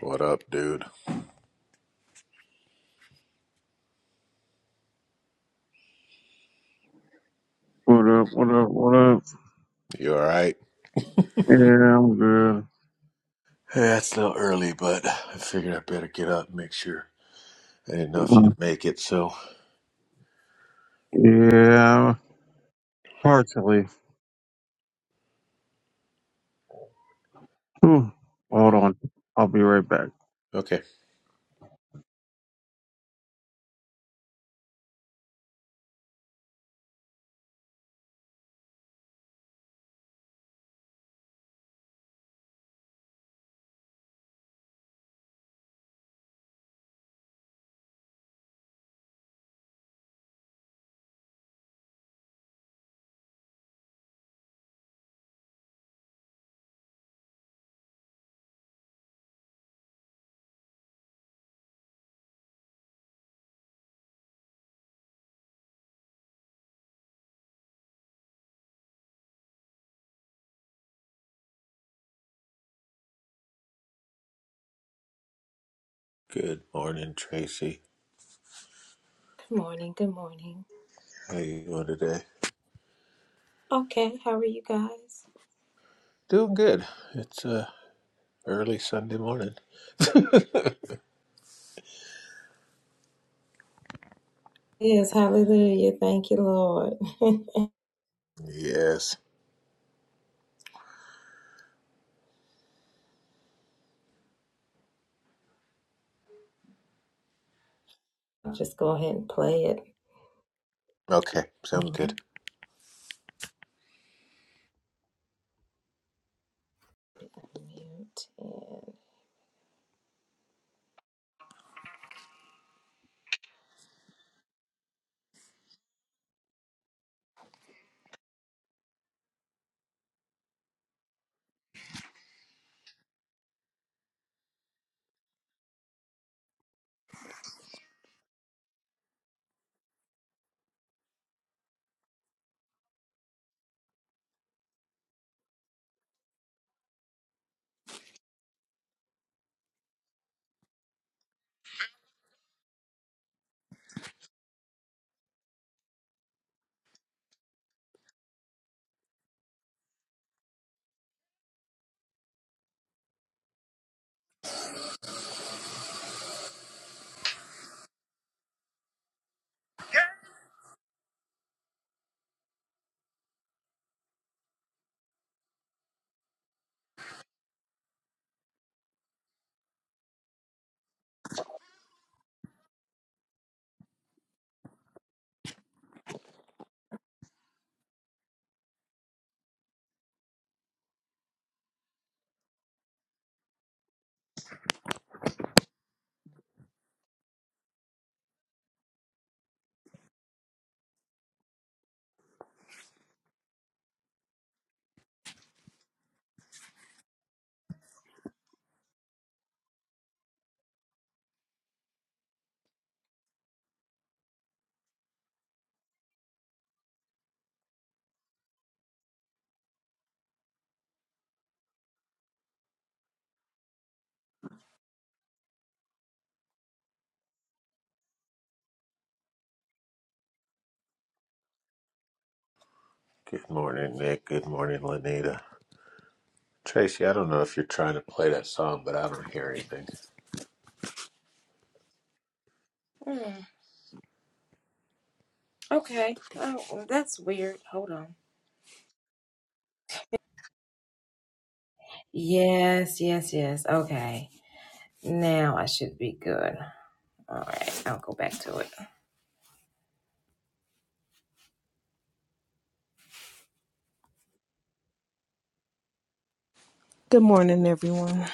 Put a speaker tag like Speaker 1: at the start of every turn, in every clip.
Speaker 1: What up, dude?
Speaker 2: What up? What up? What up?
Speaker 1: You all right?
Speaker 2: Yeah, I'm good.
Speaker 1: Yeah, it's a little early, but I figured I better get up and make sure. I didn't know if
Speaker 2: Mm,
Speaker 1: you'd make it, so
Speaker 2: Yeah, partially. Whew. Hold on. I'll be right back.
Speaker 1: okay. Good morning, Tracy. How you doing today? Doing good. It's uh early Sunday morning. Yes. Okay. Sounds good. Good morning, Nick. Good morning, Lanita. Tracy, I don't know if you're trying to play that song, but I don't hear anything.
Speaker 3: Good morning, everyone.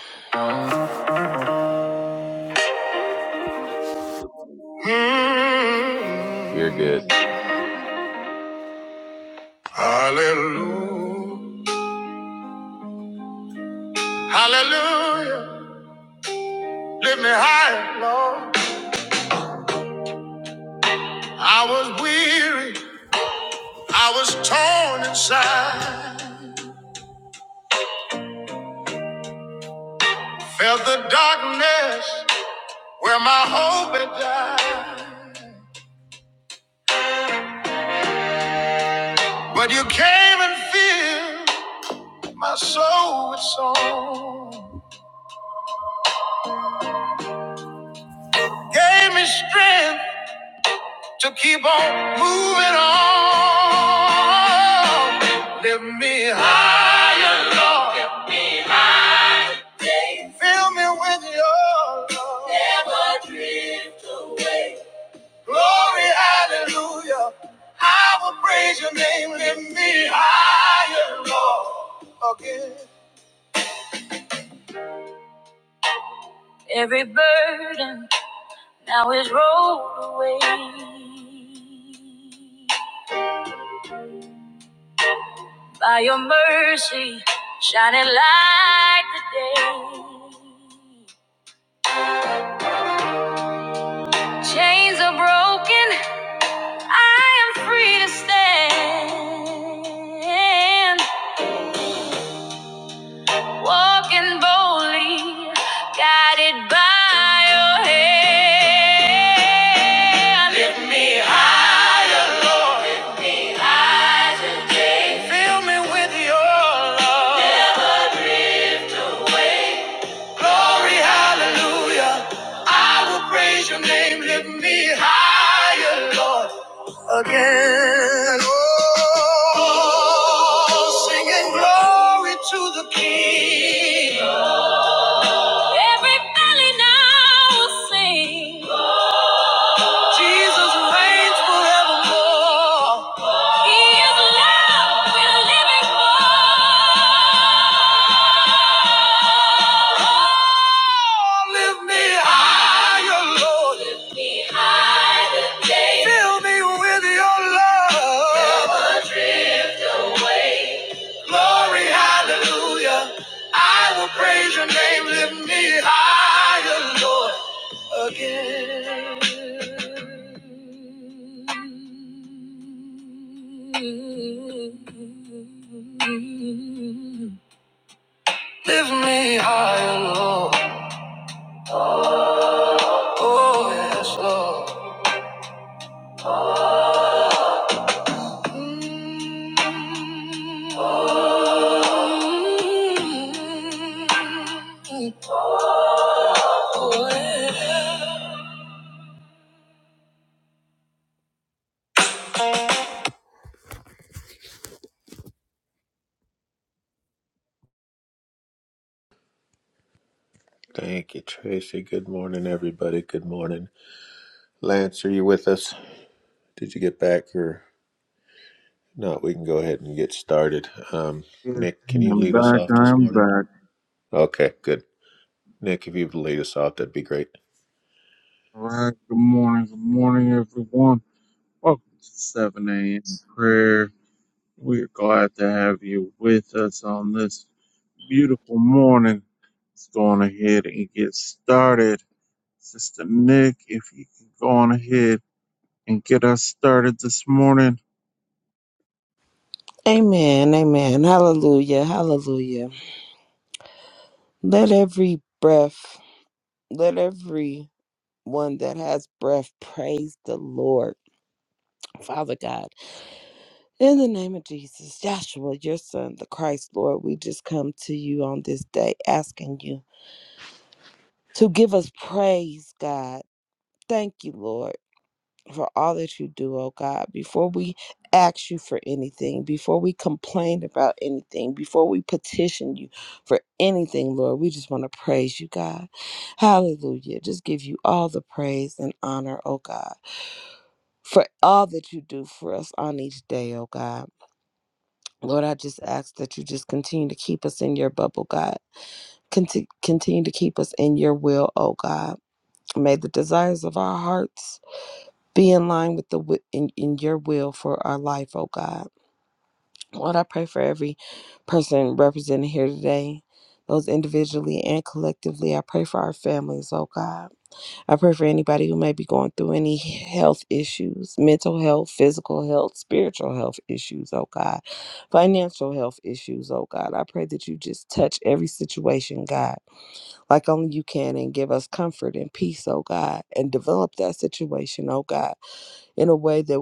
Speaker 1: You're good.
Speaker 4: Mm. Hallelujah. Hallelujah. Lift me high, Lord. I was weary. I was torn inside. Felt the darkness where my hope had died. But you came and filled my soul with song. Gave me strength to keep on moving on. Lift me higher, Lord. Lift me higher. Fill me with your love. Never drift away. Glory, hallelujah. I will praise your name. Lift me higher, Lord. Again. Every burden now is rolled away. By your mercy, shining like the day. Chains are broken, I am free to stand. Walking boldly, guided by your hand. Lift me higher, Lord. high today. Fill me with your love. Glory, hallelujah. I will praise your name. Lift me higher, Lord. Again, oh, singing glory to the King. Every valley now will sing. Jesus reigns forevermore. He is love we're living for. Oh, lift me higher, Lord. Fill me with your love. Glory, hallelujah. I will praise your name. Lift me higher, Lord. Again. Lift me higher, Lord. Oh, yes, Lord. Mm. Oh, mm-hmm. Oh, yeah.
Speaker 1: Thank you, Tracy. Good morning, everybody. Good morning. Lance, are you with us? Did you get back or No, we can go ahead and get started. Um,
Speaker 2: Yes,
Speaker 1: Nick, can you
Speaker 2: I'm
Speaker 1: lead us
Speaker 2: back.
Speaker 1: off
Speaker 2: I
Speaker 1: this
Speaker 2: am
Speaker 1: morning?
Speaker 2: back.
Speaker 1: Okay, good. Nick, if you would lead us off, that'd be great.
Speaker 2: All right. Good morning. Good morning, everyone. Welcome to 7 a.m. prayer. We're glad to have you with us on this beautiful morning. Let's go on ahead and get started. Sister Nick, if you can go on ahead and get us started this morning.
Speaker 3: Amen. Amen. Hallelujah. Hallelujah. Let every breath, let every one that has breath praise the Lord. Father God, in the name of Jesus, Joshua, your son, the Christ, Lord, we just come to you on this day asking you to give us praise, God. Thank you, Lord. for all that you do, oh God. Before we ask you for anything, before we complain about anything, before we petition you for anything, Lord, we just want to praise you, God. Hallelujah. Just give you all the praise and honor, oh God, for all that you do for us on each day, oh God. Lord, I just ask that you just continue to keep us in your bubble, God. Conti- Continue to keep us in your will, oh God. May the desires of our hearts be in line with the wi- in, in your will for our life, oh God. Lord, I pray for every person represented here today, those individually and collectively. I pray for our families, oh God. I pray for anybody who may be going through any health issues, mental health, physical health, spiritual health issues, oh God, financial health issues, oh God. I pray that you just touch every situation, God, like only you can, and give us comfort and peace, oh God, and develop that situation, oh God in a way that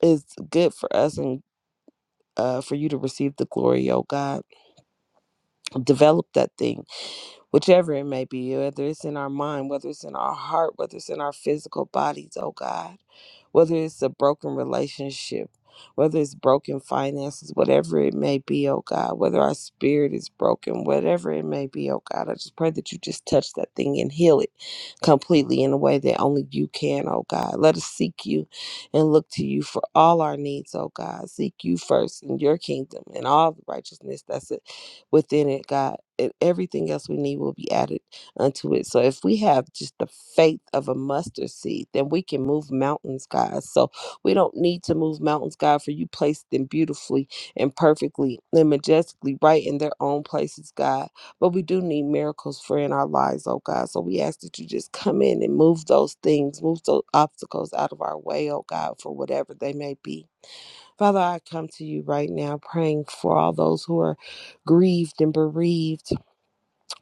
Speaker 3: is good for us and uh, for you to receive the glory, oh God. Develop that thing whichever it may be, whether it's in our mind, whether it's in our heart, whether it's in our physical bodies, oh God, whether it's a broken relationship, whether it's broken finances, whatever it may be, oh God, whether our spirit is broken, whatever it may be, oh God, I just pray that you just touch that thing and heal it completely in a way that only you can, oh God. Let us seek you and look to you for all our needs, oh God. Seek you first in your kingdom and all the righteousness that's it within it, God, and everything else we need will be added unto it. So if we have just the faith of a mustard seed, then we can move mountains, God. So we don't need to move mountains, God, for you placed them beautifully and perfectly and majestically right in their own places, God. But we do need miracles for in our lives, oh God. So we ask that you just come in and move those things, move those obstacles out of our way, oh God, for whatever they may be. Father, I come to you right now praying for all those who are grieved and bereaved.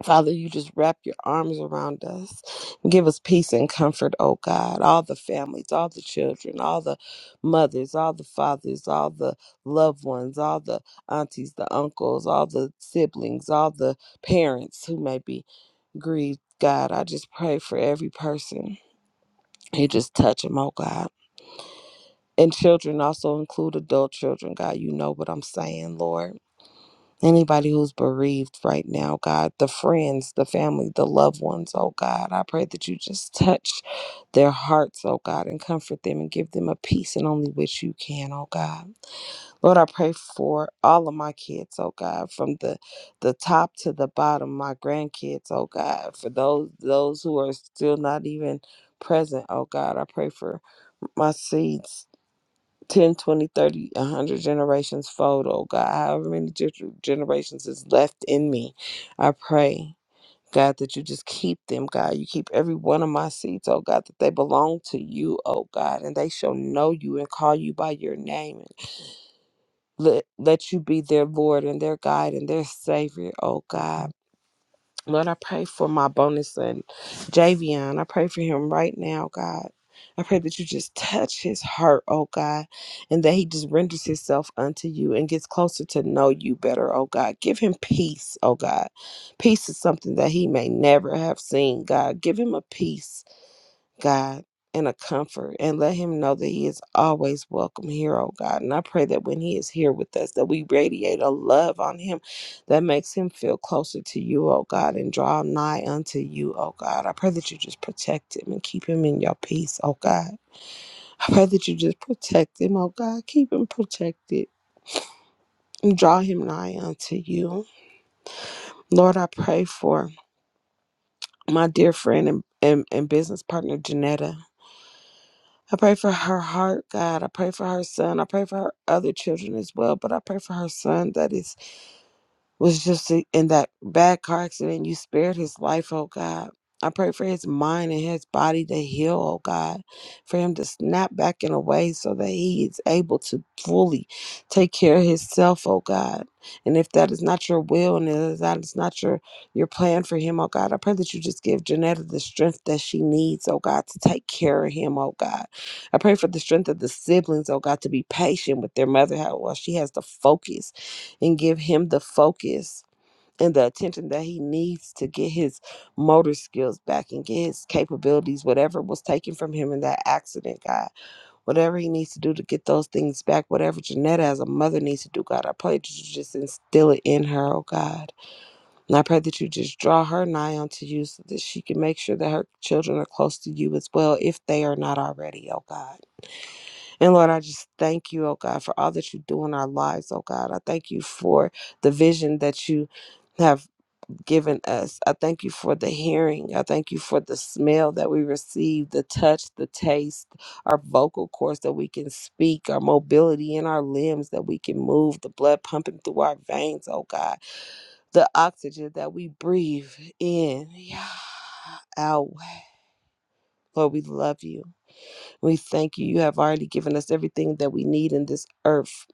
Speaker 3: Father, you just wrap your arms around us and give us peace and comfort, oh God. All the families, all the children, all the mothers, all the fathers, all the loved ones, all the aunties, the uncles, all the siblings, all the parents who may be grieved. God, I just pray for every person. You just touch them, oh God. And children also include adult children, God. You know what I'm saying, Lord. Anybody who's bereaved right now, God, the friends, the family, the loved ones, oh God, I pray that you just touch their hearts, oh God, and comfort them and give them a peace and only which you can, oh God. Lord, I pray for all of my kids, oh God, from the the top to the bottom, my grandkids, oh God, for those those who are still not even present, oh God, I pray for my seeds 10, 20, 30, a 100 generations fold, oh God, however many gener- generations is left in me. I pray, God, that you just keep them, God. You keep every one of my seeds, oh God, that they belong to you, oh God, and they shall know you and call you by your name. And let, let you be their Lord and their guide and their Savior, oh God. Lord, I pray for my bonus son, Javion. I pray for him right now, God. I pray that you just touch his heart, oh God, and that he just renders himself unto you and gets closer to know you better, oh God. Give him peace, oh God. Peace is something that he may never have seen, God. Give him a peace God, and a comfort, and let him know that he is always welcome here, oh God. And I pray that when he is here with us, that we radiate a love on him that makes him feel closer to you, oh God, and draw nigh unto you, oh God. I pray that you just protect him and keep him in your peace, oh God. I pray that you just protect him, oh God. Keep him protected and draw him nigh unto you. Lord, I pray for my dear friend and, and, and business partner, Janetta. I pray for her heart, God. I pray for her son. I pray for her other children as well, but I pray for her son that is was just i- in that bad car accident. You spared his life, oh God. I pray for his mind and his body to heal, oh God, for him to snap back in a way so that he is able to fully take care of himself, oh God. And if that is not your will and if that is not your, your plan for him, oh God, I pray that you just give Janetta the strength that she needs, oh God, to take care of him, oh God. I pray for the strength of the siblings, oh God, to be patient with their mother how- while she has to focus and give him the focus and the attention that he needs to get his motor skills back and get his capabilities, whatever was taken from him in that accident, God. Whatever he needs to do to get those things back, whatever Janetta as a mother needs to do, God, I pray that you just instill it in her, oh God. And I pray that you just draw her nigh unto you so that she can make sure that her children are close to you as well, if they are not already, oh God. And Lord, I just thank you, oh God, for all that you do in our lives, oh God. I thank you for the vision that you have given us. I thank you for the hearing. I thank you for the smell that we receive, the touch, the taste, our vocal cords that we can speak, our mobility in our limbs that we can move, the blood pumping through our veins, oh God, the oxygen that we breathe in. Yeah. Out. Lord, we love you. We thank you. You have already given us everything that we need in this earth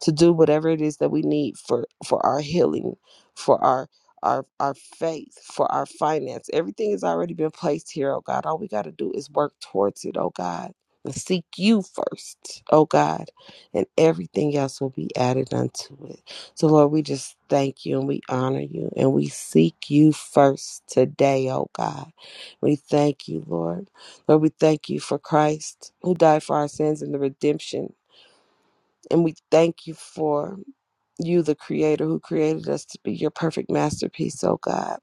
Speaker 3: to do whatever it is that we need for for our healing for our our our faith for our finance everything has already been placed here oh god all we got to do is work towards it oh god and seek you first oh god and everything else will be added unto it so lord we just thank you and we honor you and we seek you first today oh god we thank you lord lord we thank you for christ who died for our sins and the redemption and we thank you for you, the creator who created us to be your perfect masterpiece, oh God.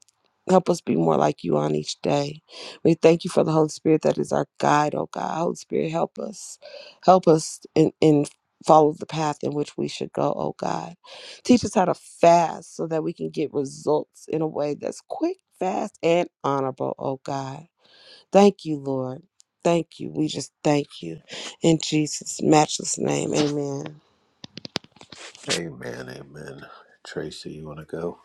Speaker 3: Help us be more like you on each day. We thank you for the Holy Spirit that is our guide, oh God. Holy Spirit, help us. Help us in, in follow the path in which we should go, oh God. Teach us how to fast so that we can get results in a way that's quick, fast, and honorable, oh God. Thank you, Lord. Thank you. We just thank you. In Jesus' matchless name, amen.
Speaker 1: Amen, amen. Tracy, you want to go?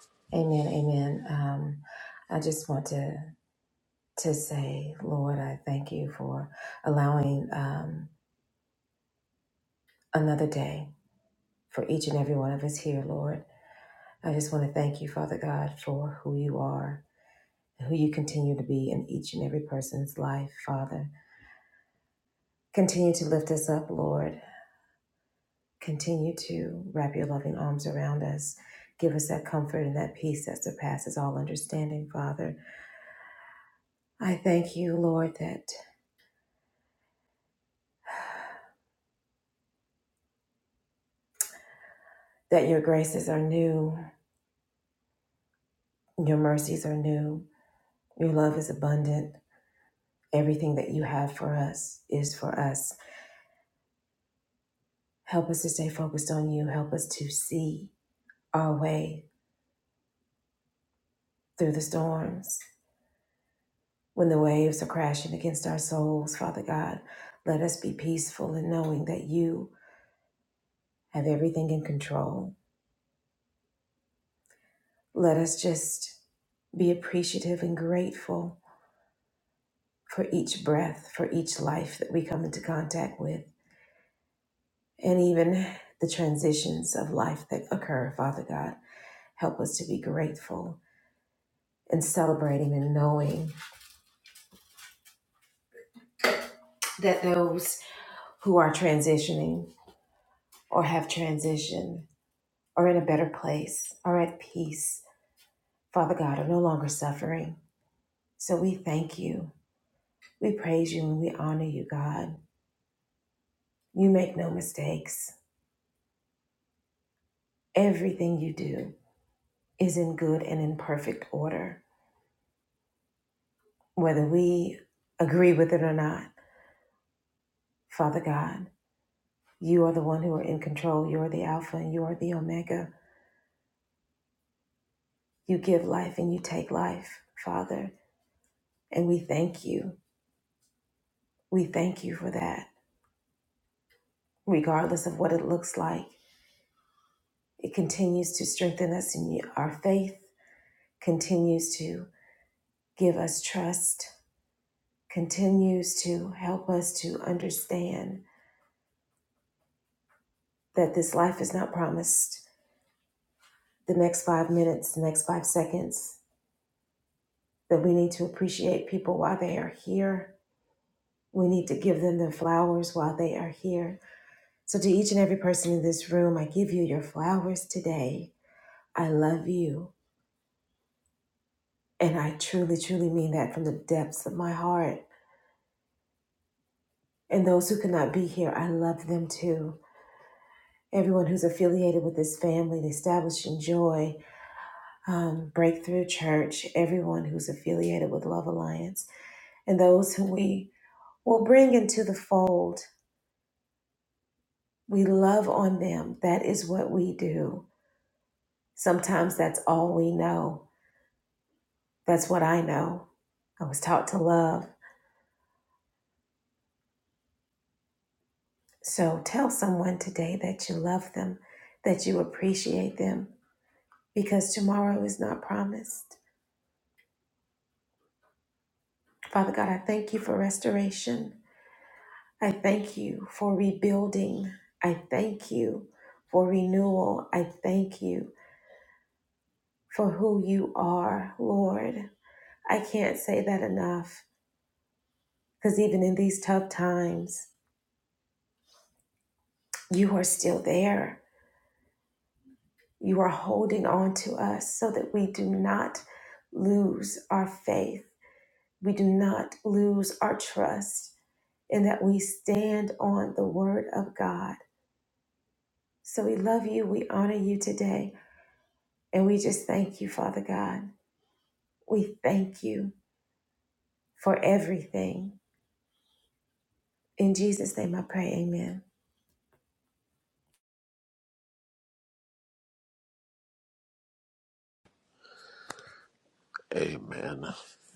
Speaker 1: Amen.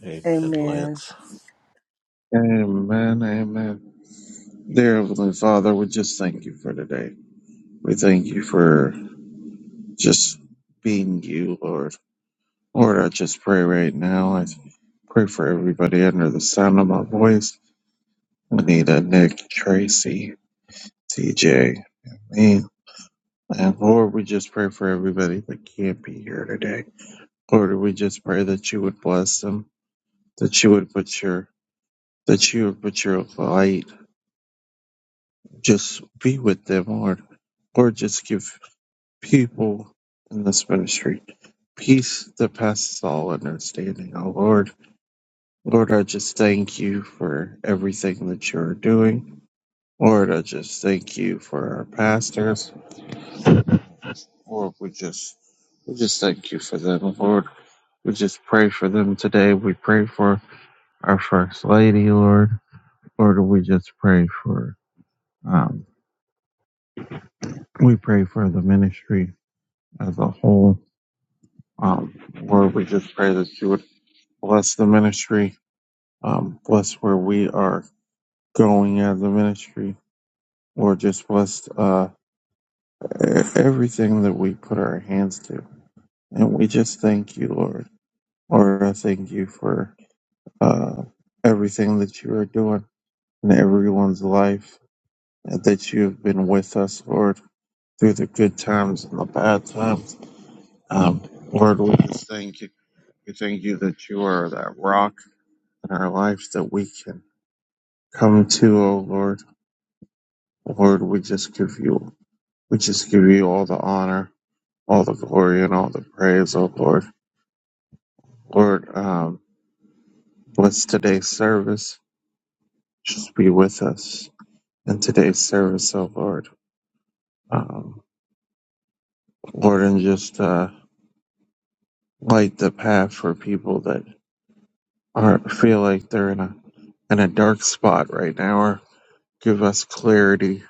Speaker 1: Amen,
Speaker 3: Amen.
Speaker 1: Lance.
Speaker 2: Amen, amen. Dear Heavenly Father, we just thank you for today. We thank you for just being you, Lord. Lord, I just pray right now. I pray for everybody under the sound of my voice. Anita, Nick, Tracy, TJ, and me. And Lord, we just pray for everybody that can't be here today. Lord, we just pray that you would bless them, that you would put your that you would put your light. Just be with them, Lord. Lord, just give people in this ministry. Peace that passes all understanding. Oh Lord, Lord, I just thank you for everything that you're doing. Lord, I just thank you for our pastors. Lord, we just, we just thank you for them. Lord, we just pray for them today. We pray for our first lady, Lord. Lord, we just pray for, um, we pray for the ministry as a whole. Um, Lord, we just pray that you would bless the ministry um, bless where we are going as a ministry. Lord, just bless uh, e- everything that we put our hands to. And we just thank you, Lord. Lord, I thank you for uh, everything that you are doing in everyone's life, and that you have been with us, Lord, through the good times and the bad times. Um, Lord, we just thank you. We thank you that you are that rock in our life that we can come to, oh Lord. Lord, we just give you We just give you all the honor, all the glory, and all the praise, O Lord. Lord, um, bless today's service. Just be with us in today's service, O Lord. Um, Lord, and just uh, light the path for people that are feel like they're in a in a dark spot right now, or give us clarity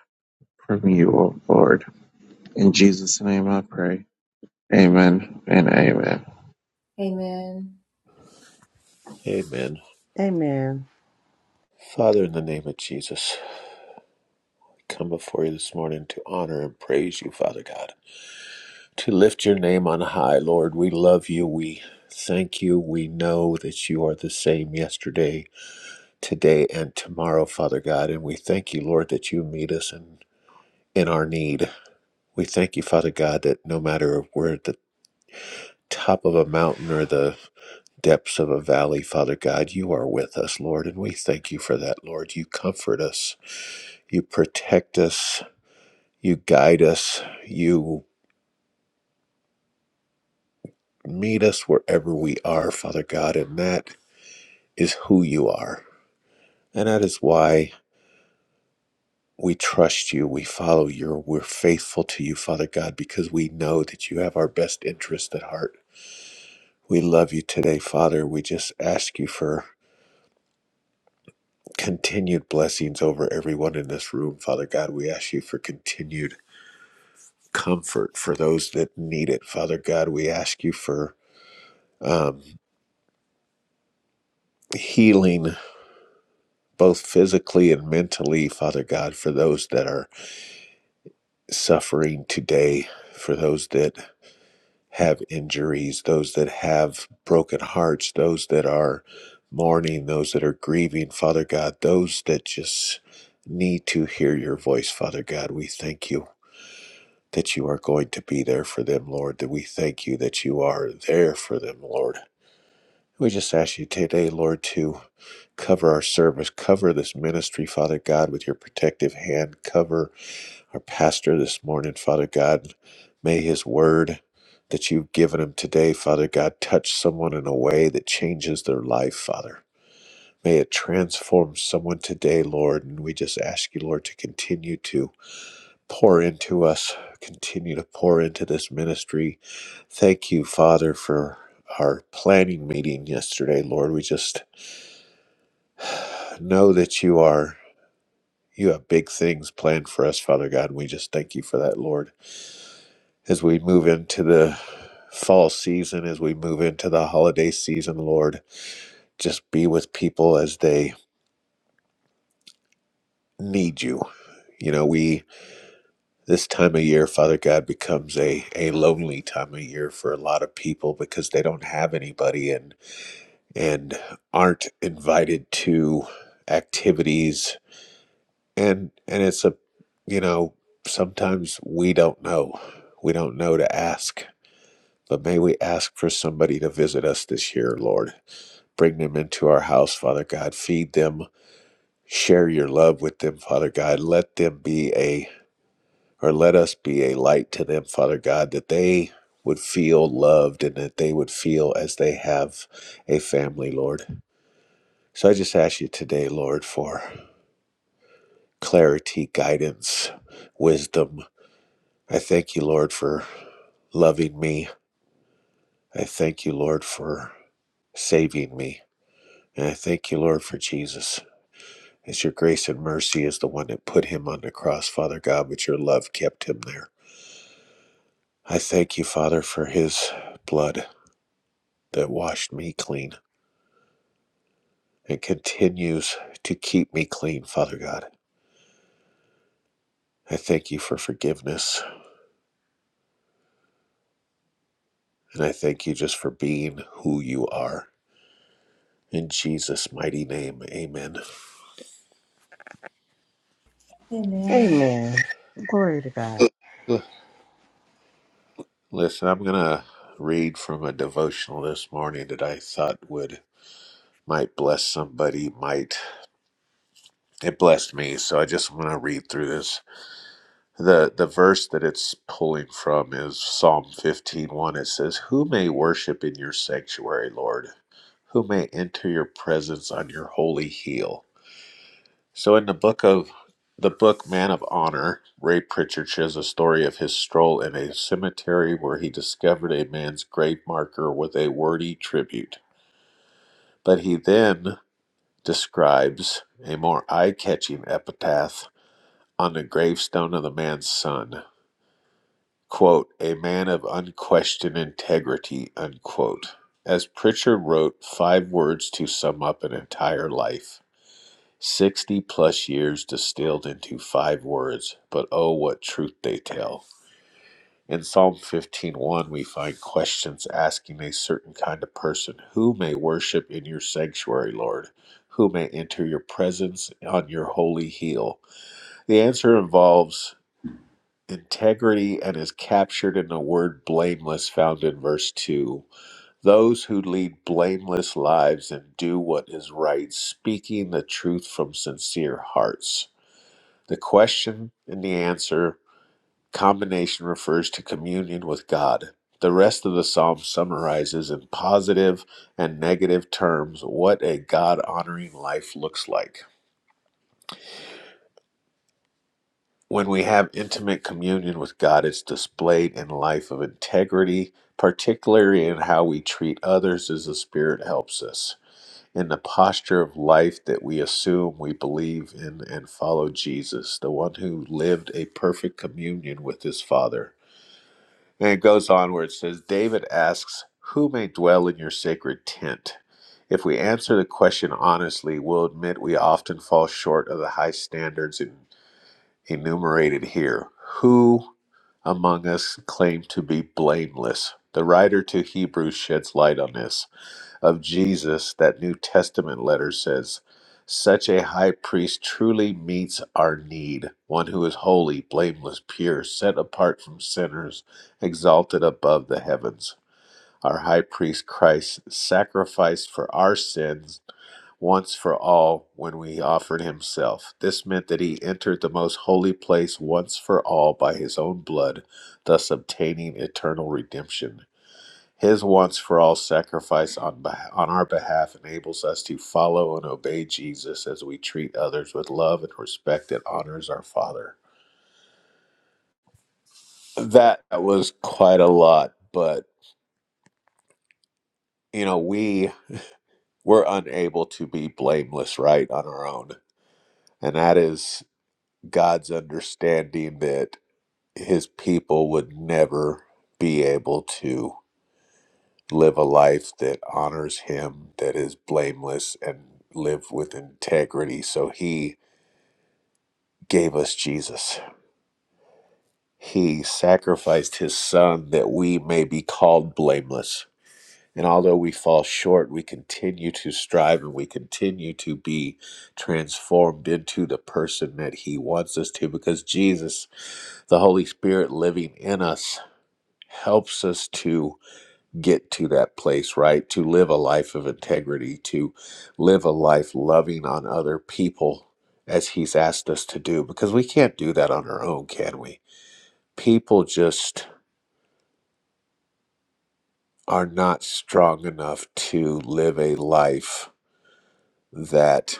Speaker 2: from you, O Lord. In Jesus' name, I pray. Amen and amen.
Speaker 1: Amen.
Speaker 3: Amen.
Speaker 1: Father, in the name of Jesus, we come before you this morning to honor and praise you, Father God, to lift your name on high. Lord, we love you. We thank you. We know that you are the same yesterday, today and tomorrow, Father God. And we thank you, Lord, that you meet us in, in our need. We thank you, Father God, that no matter if we're at the top of a mountain or the depths of a valley, Father God, you are with us, Lord. And we thank you for that, Lord. You comfort us, you protect us, you guide us, you meet us wherever we are, Father God. And that is who you are. And that is why. We trust you. We follow you. We're faithful to you, Father God, because we know that you have our best interest at heart. We love you today, Father. We just ask you for continued blessings over everyone in this room, Father God. We ask you for continued comfort for those that need it, Father God. We ask you for um, healing, both physically and mentally, Father God, for those that are suffering today, for those that have injuries, those that have broken hearts, those that are mourning, those that are grieving, Father God, those that just need to hear your voice, Father God. We thank you that you are going to be there for them, Lord. That we thank you that you are there for them, Lord. We just ask you today, Lord, to cover our service, cover this ministry, Father God, with your protective hand, cover our pastor this morning, Father God. May his word that you've given him today, Father God, touch someone in a way that changes their life, Father. May it transform someone today, Lord. And we just ask you, Lord, to continue to pour into us, continue to pour into this ministry. Thank you, Father, for our planning meeting yesterday, Lord. We just know that you are. You have big things planned for us, Father God, and we just thank you for that, Lord. as we move into the fall season, as we move into the holiday season, Lord, just be with people as they need you. You know, we, this time of year, Father God, becomes a, a lonely time of year for a lot of people because they don't have anybody and, and aren't invited to activities. And, and it's a, you know, sometimes we don't know. We don't know to ask, but may we ask for somebody to visit us this year, Lord Bring them into our house, Father God. Feed them. Share your love with them, Father God. Let them be a, or let us be a light to them, Father God, that they would feel loved and that they would feel as they have a family, Lord. So I just ask you today, Lord, for clarity, guidance, wisdom. I thank you, Lord, for loving me. I thank you, Lord, for saving me. And I thank you, Lord, for Jesus. As your grace and mercy is the one that put him on the cross, Father God, but your love kept him there. I thank you, Father, for his blood that washed me clean and continues to keep me clean, Father God. I thank you for forgiveness, and I thank you just for being who you are. In Jesus' mighty name, amen.
Speaker 3: Amen. Glory to God.
Speaker 1: Listen, I'm going to read from a devotional this morning that I thought would might bless somebody, might. It blessed me, so I just want to read through this. the the verse that it's pulling from is Psalm fifteen one. it says who may worship in your sanctuary lord who may enter your presence on your holy hill?" so in the book of the book Man of Honor Ray Pritchard shares a story of his stroll in a cemetery where he discovered a man's grave marker with a wordy tribute but he then describes a more eye-catching epitaph on the gravestone of the man's son quote, a man of unquestioned integrity, unquote. As Pritchard wrote, five words to sum up an entire life. 60 plus years distilled into five words, but oh, what truth they tell. In Psalm fifteen, one we find questions asking a certain kind of person, who may worship in your sanctuary, Lord? Who may enter your presence on your holy hill? The answer involves Integrity and is captured in the word blameless found in verse 2. Those who lead blameless lives and do what is right, speaking the truth from sincere hearts. The question and the answer combination refers to communion with God. The rest of the psalm summarizes in positive and negative terms what a God honoring life looks like. When we have intimate communion with God, it's displayed in life of integrity, particularly in how we treat others as the Spirit helps us, in the posture of life that we assume we believe in and follow Jesus, the one who lived a perfect communion with his Father. And it goes on where it says, David asks, Who may dwell in your sacred tent? If we answer the question honestly, we'll admit we often fall short of the high standards and enumerated here. Who among us claim to be blameless? The writer to Hebrews sheds light on this. Of Jesus, that New Testament letter says, such a high priest truly meets our need, one who is holy, blameless, pure, set apart from sinners, exalted above the heavens. Our high priest Christ sacrificed for our sins once for all when we offered himself. This meant that he entered the most holy place once for all by his own blood, thus obtaining eternal redemption. His once for all sacrifice on, on our behalf enables us to follow and obey Jesus as we treat others with love and respect that honors our Father. That was quite a lot, but you know, we we're unable to be blameless, right, on our own. And that is God's understanding that his people would never be able to live a life that honors him, that is blameless, and live with integrity. So he gave us Jesus. He sacrificed his son that we may be called blameless And although we fall short, we continue to strive and we continue to be transformed into the person that He wants us to because Jesus, the Holy Spirit living in us, helps us to get to that place, right? To live a life of integrity, to live a life loving on other people as He's asked us to do because we can't do that on our own, can we? People just are not strong enough to live a life that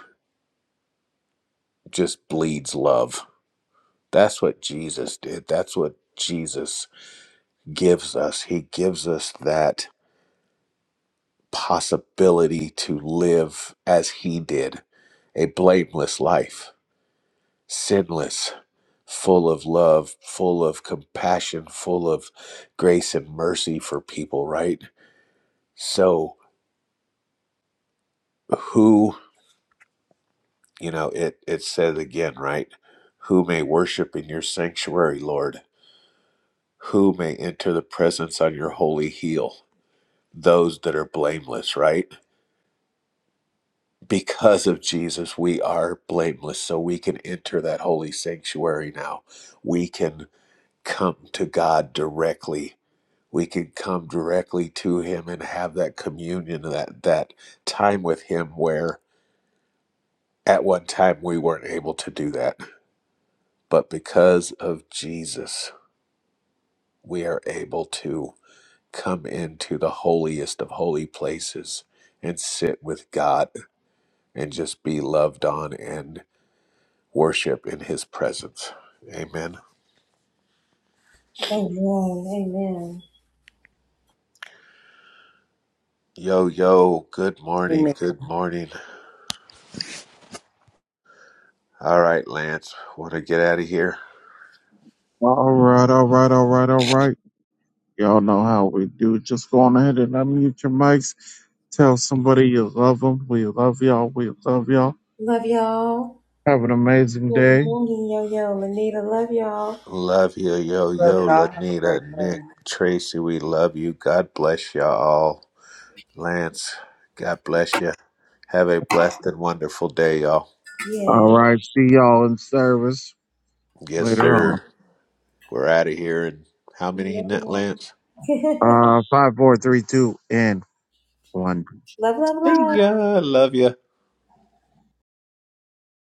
Speaker 1: just bleeds love. That's what Jesus did. That's what Jesus gives us. He gives us that possibility to live as He did a blameless life, sinless, full of love, full of compassion, full of grace and mercy for people, right? So, who, you know, it, it says again, right? Who may worship in your sanctuary, Lord? Who may enter the presence on your holy hill? those that are blameless, right? Because of Jesus, we are blameless. So we can enter that holy sanctuary now. We can come to God directly. We can come directly to Him and have that communion, that, that time with Him where at one time we weren't able to do that. But because of Jesus, we are able to come into the holiest of holy places and sit with God and just be loved on. and. worship in his presence. Amen. Yo, yo, good morning,
Speaker 3: Amen.
Speaker 1: good morning. All right, Lance, want to get out of here?
Speaker 2: All right, all right, all right, all right. Y'all know how we do. Just go on ahead and unmute your mics. Tell somebody you love them. We love y'all. We love y'all. Have an amazing day.
Speaker 1: Love you, yo,
Speaker 3: Love
Speaker 1: yo,
Speaker 3: y'all. Have a
Speaker 1: Lanita,
Speaker 3: great day.
Speaker 1: Nick, Tracy, we love you. God bless y'all all. Lance, God bless you. Have a blessed and wonderful day, y'all.
Speaker 2: All right. See y'all in service
Speaker 1: Yes,
Speaker 2: later on.
Speaker 1: sir. We're out of here. And how many, Lance?
Speaker 2: Uh, five, four, three, two, and one.
Speaker 1: See ya. Love you.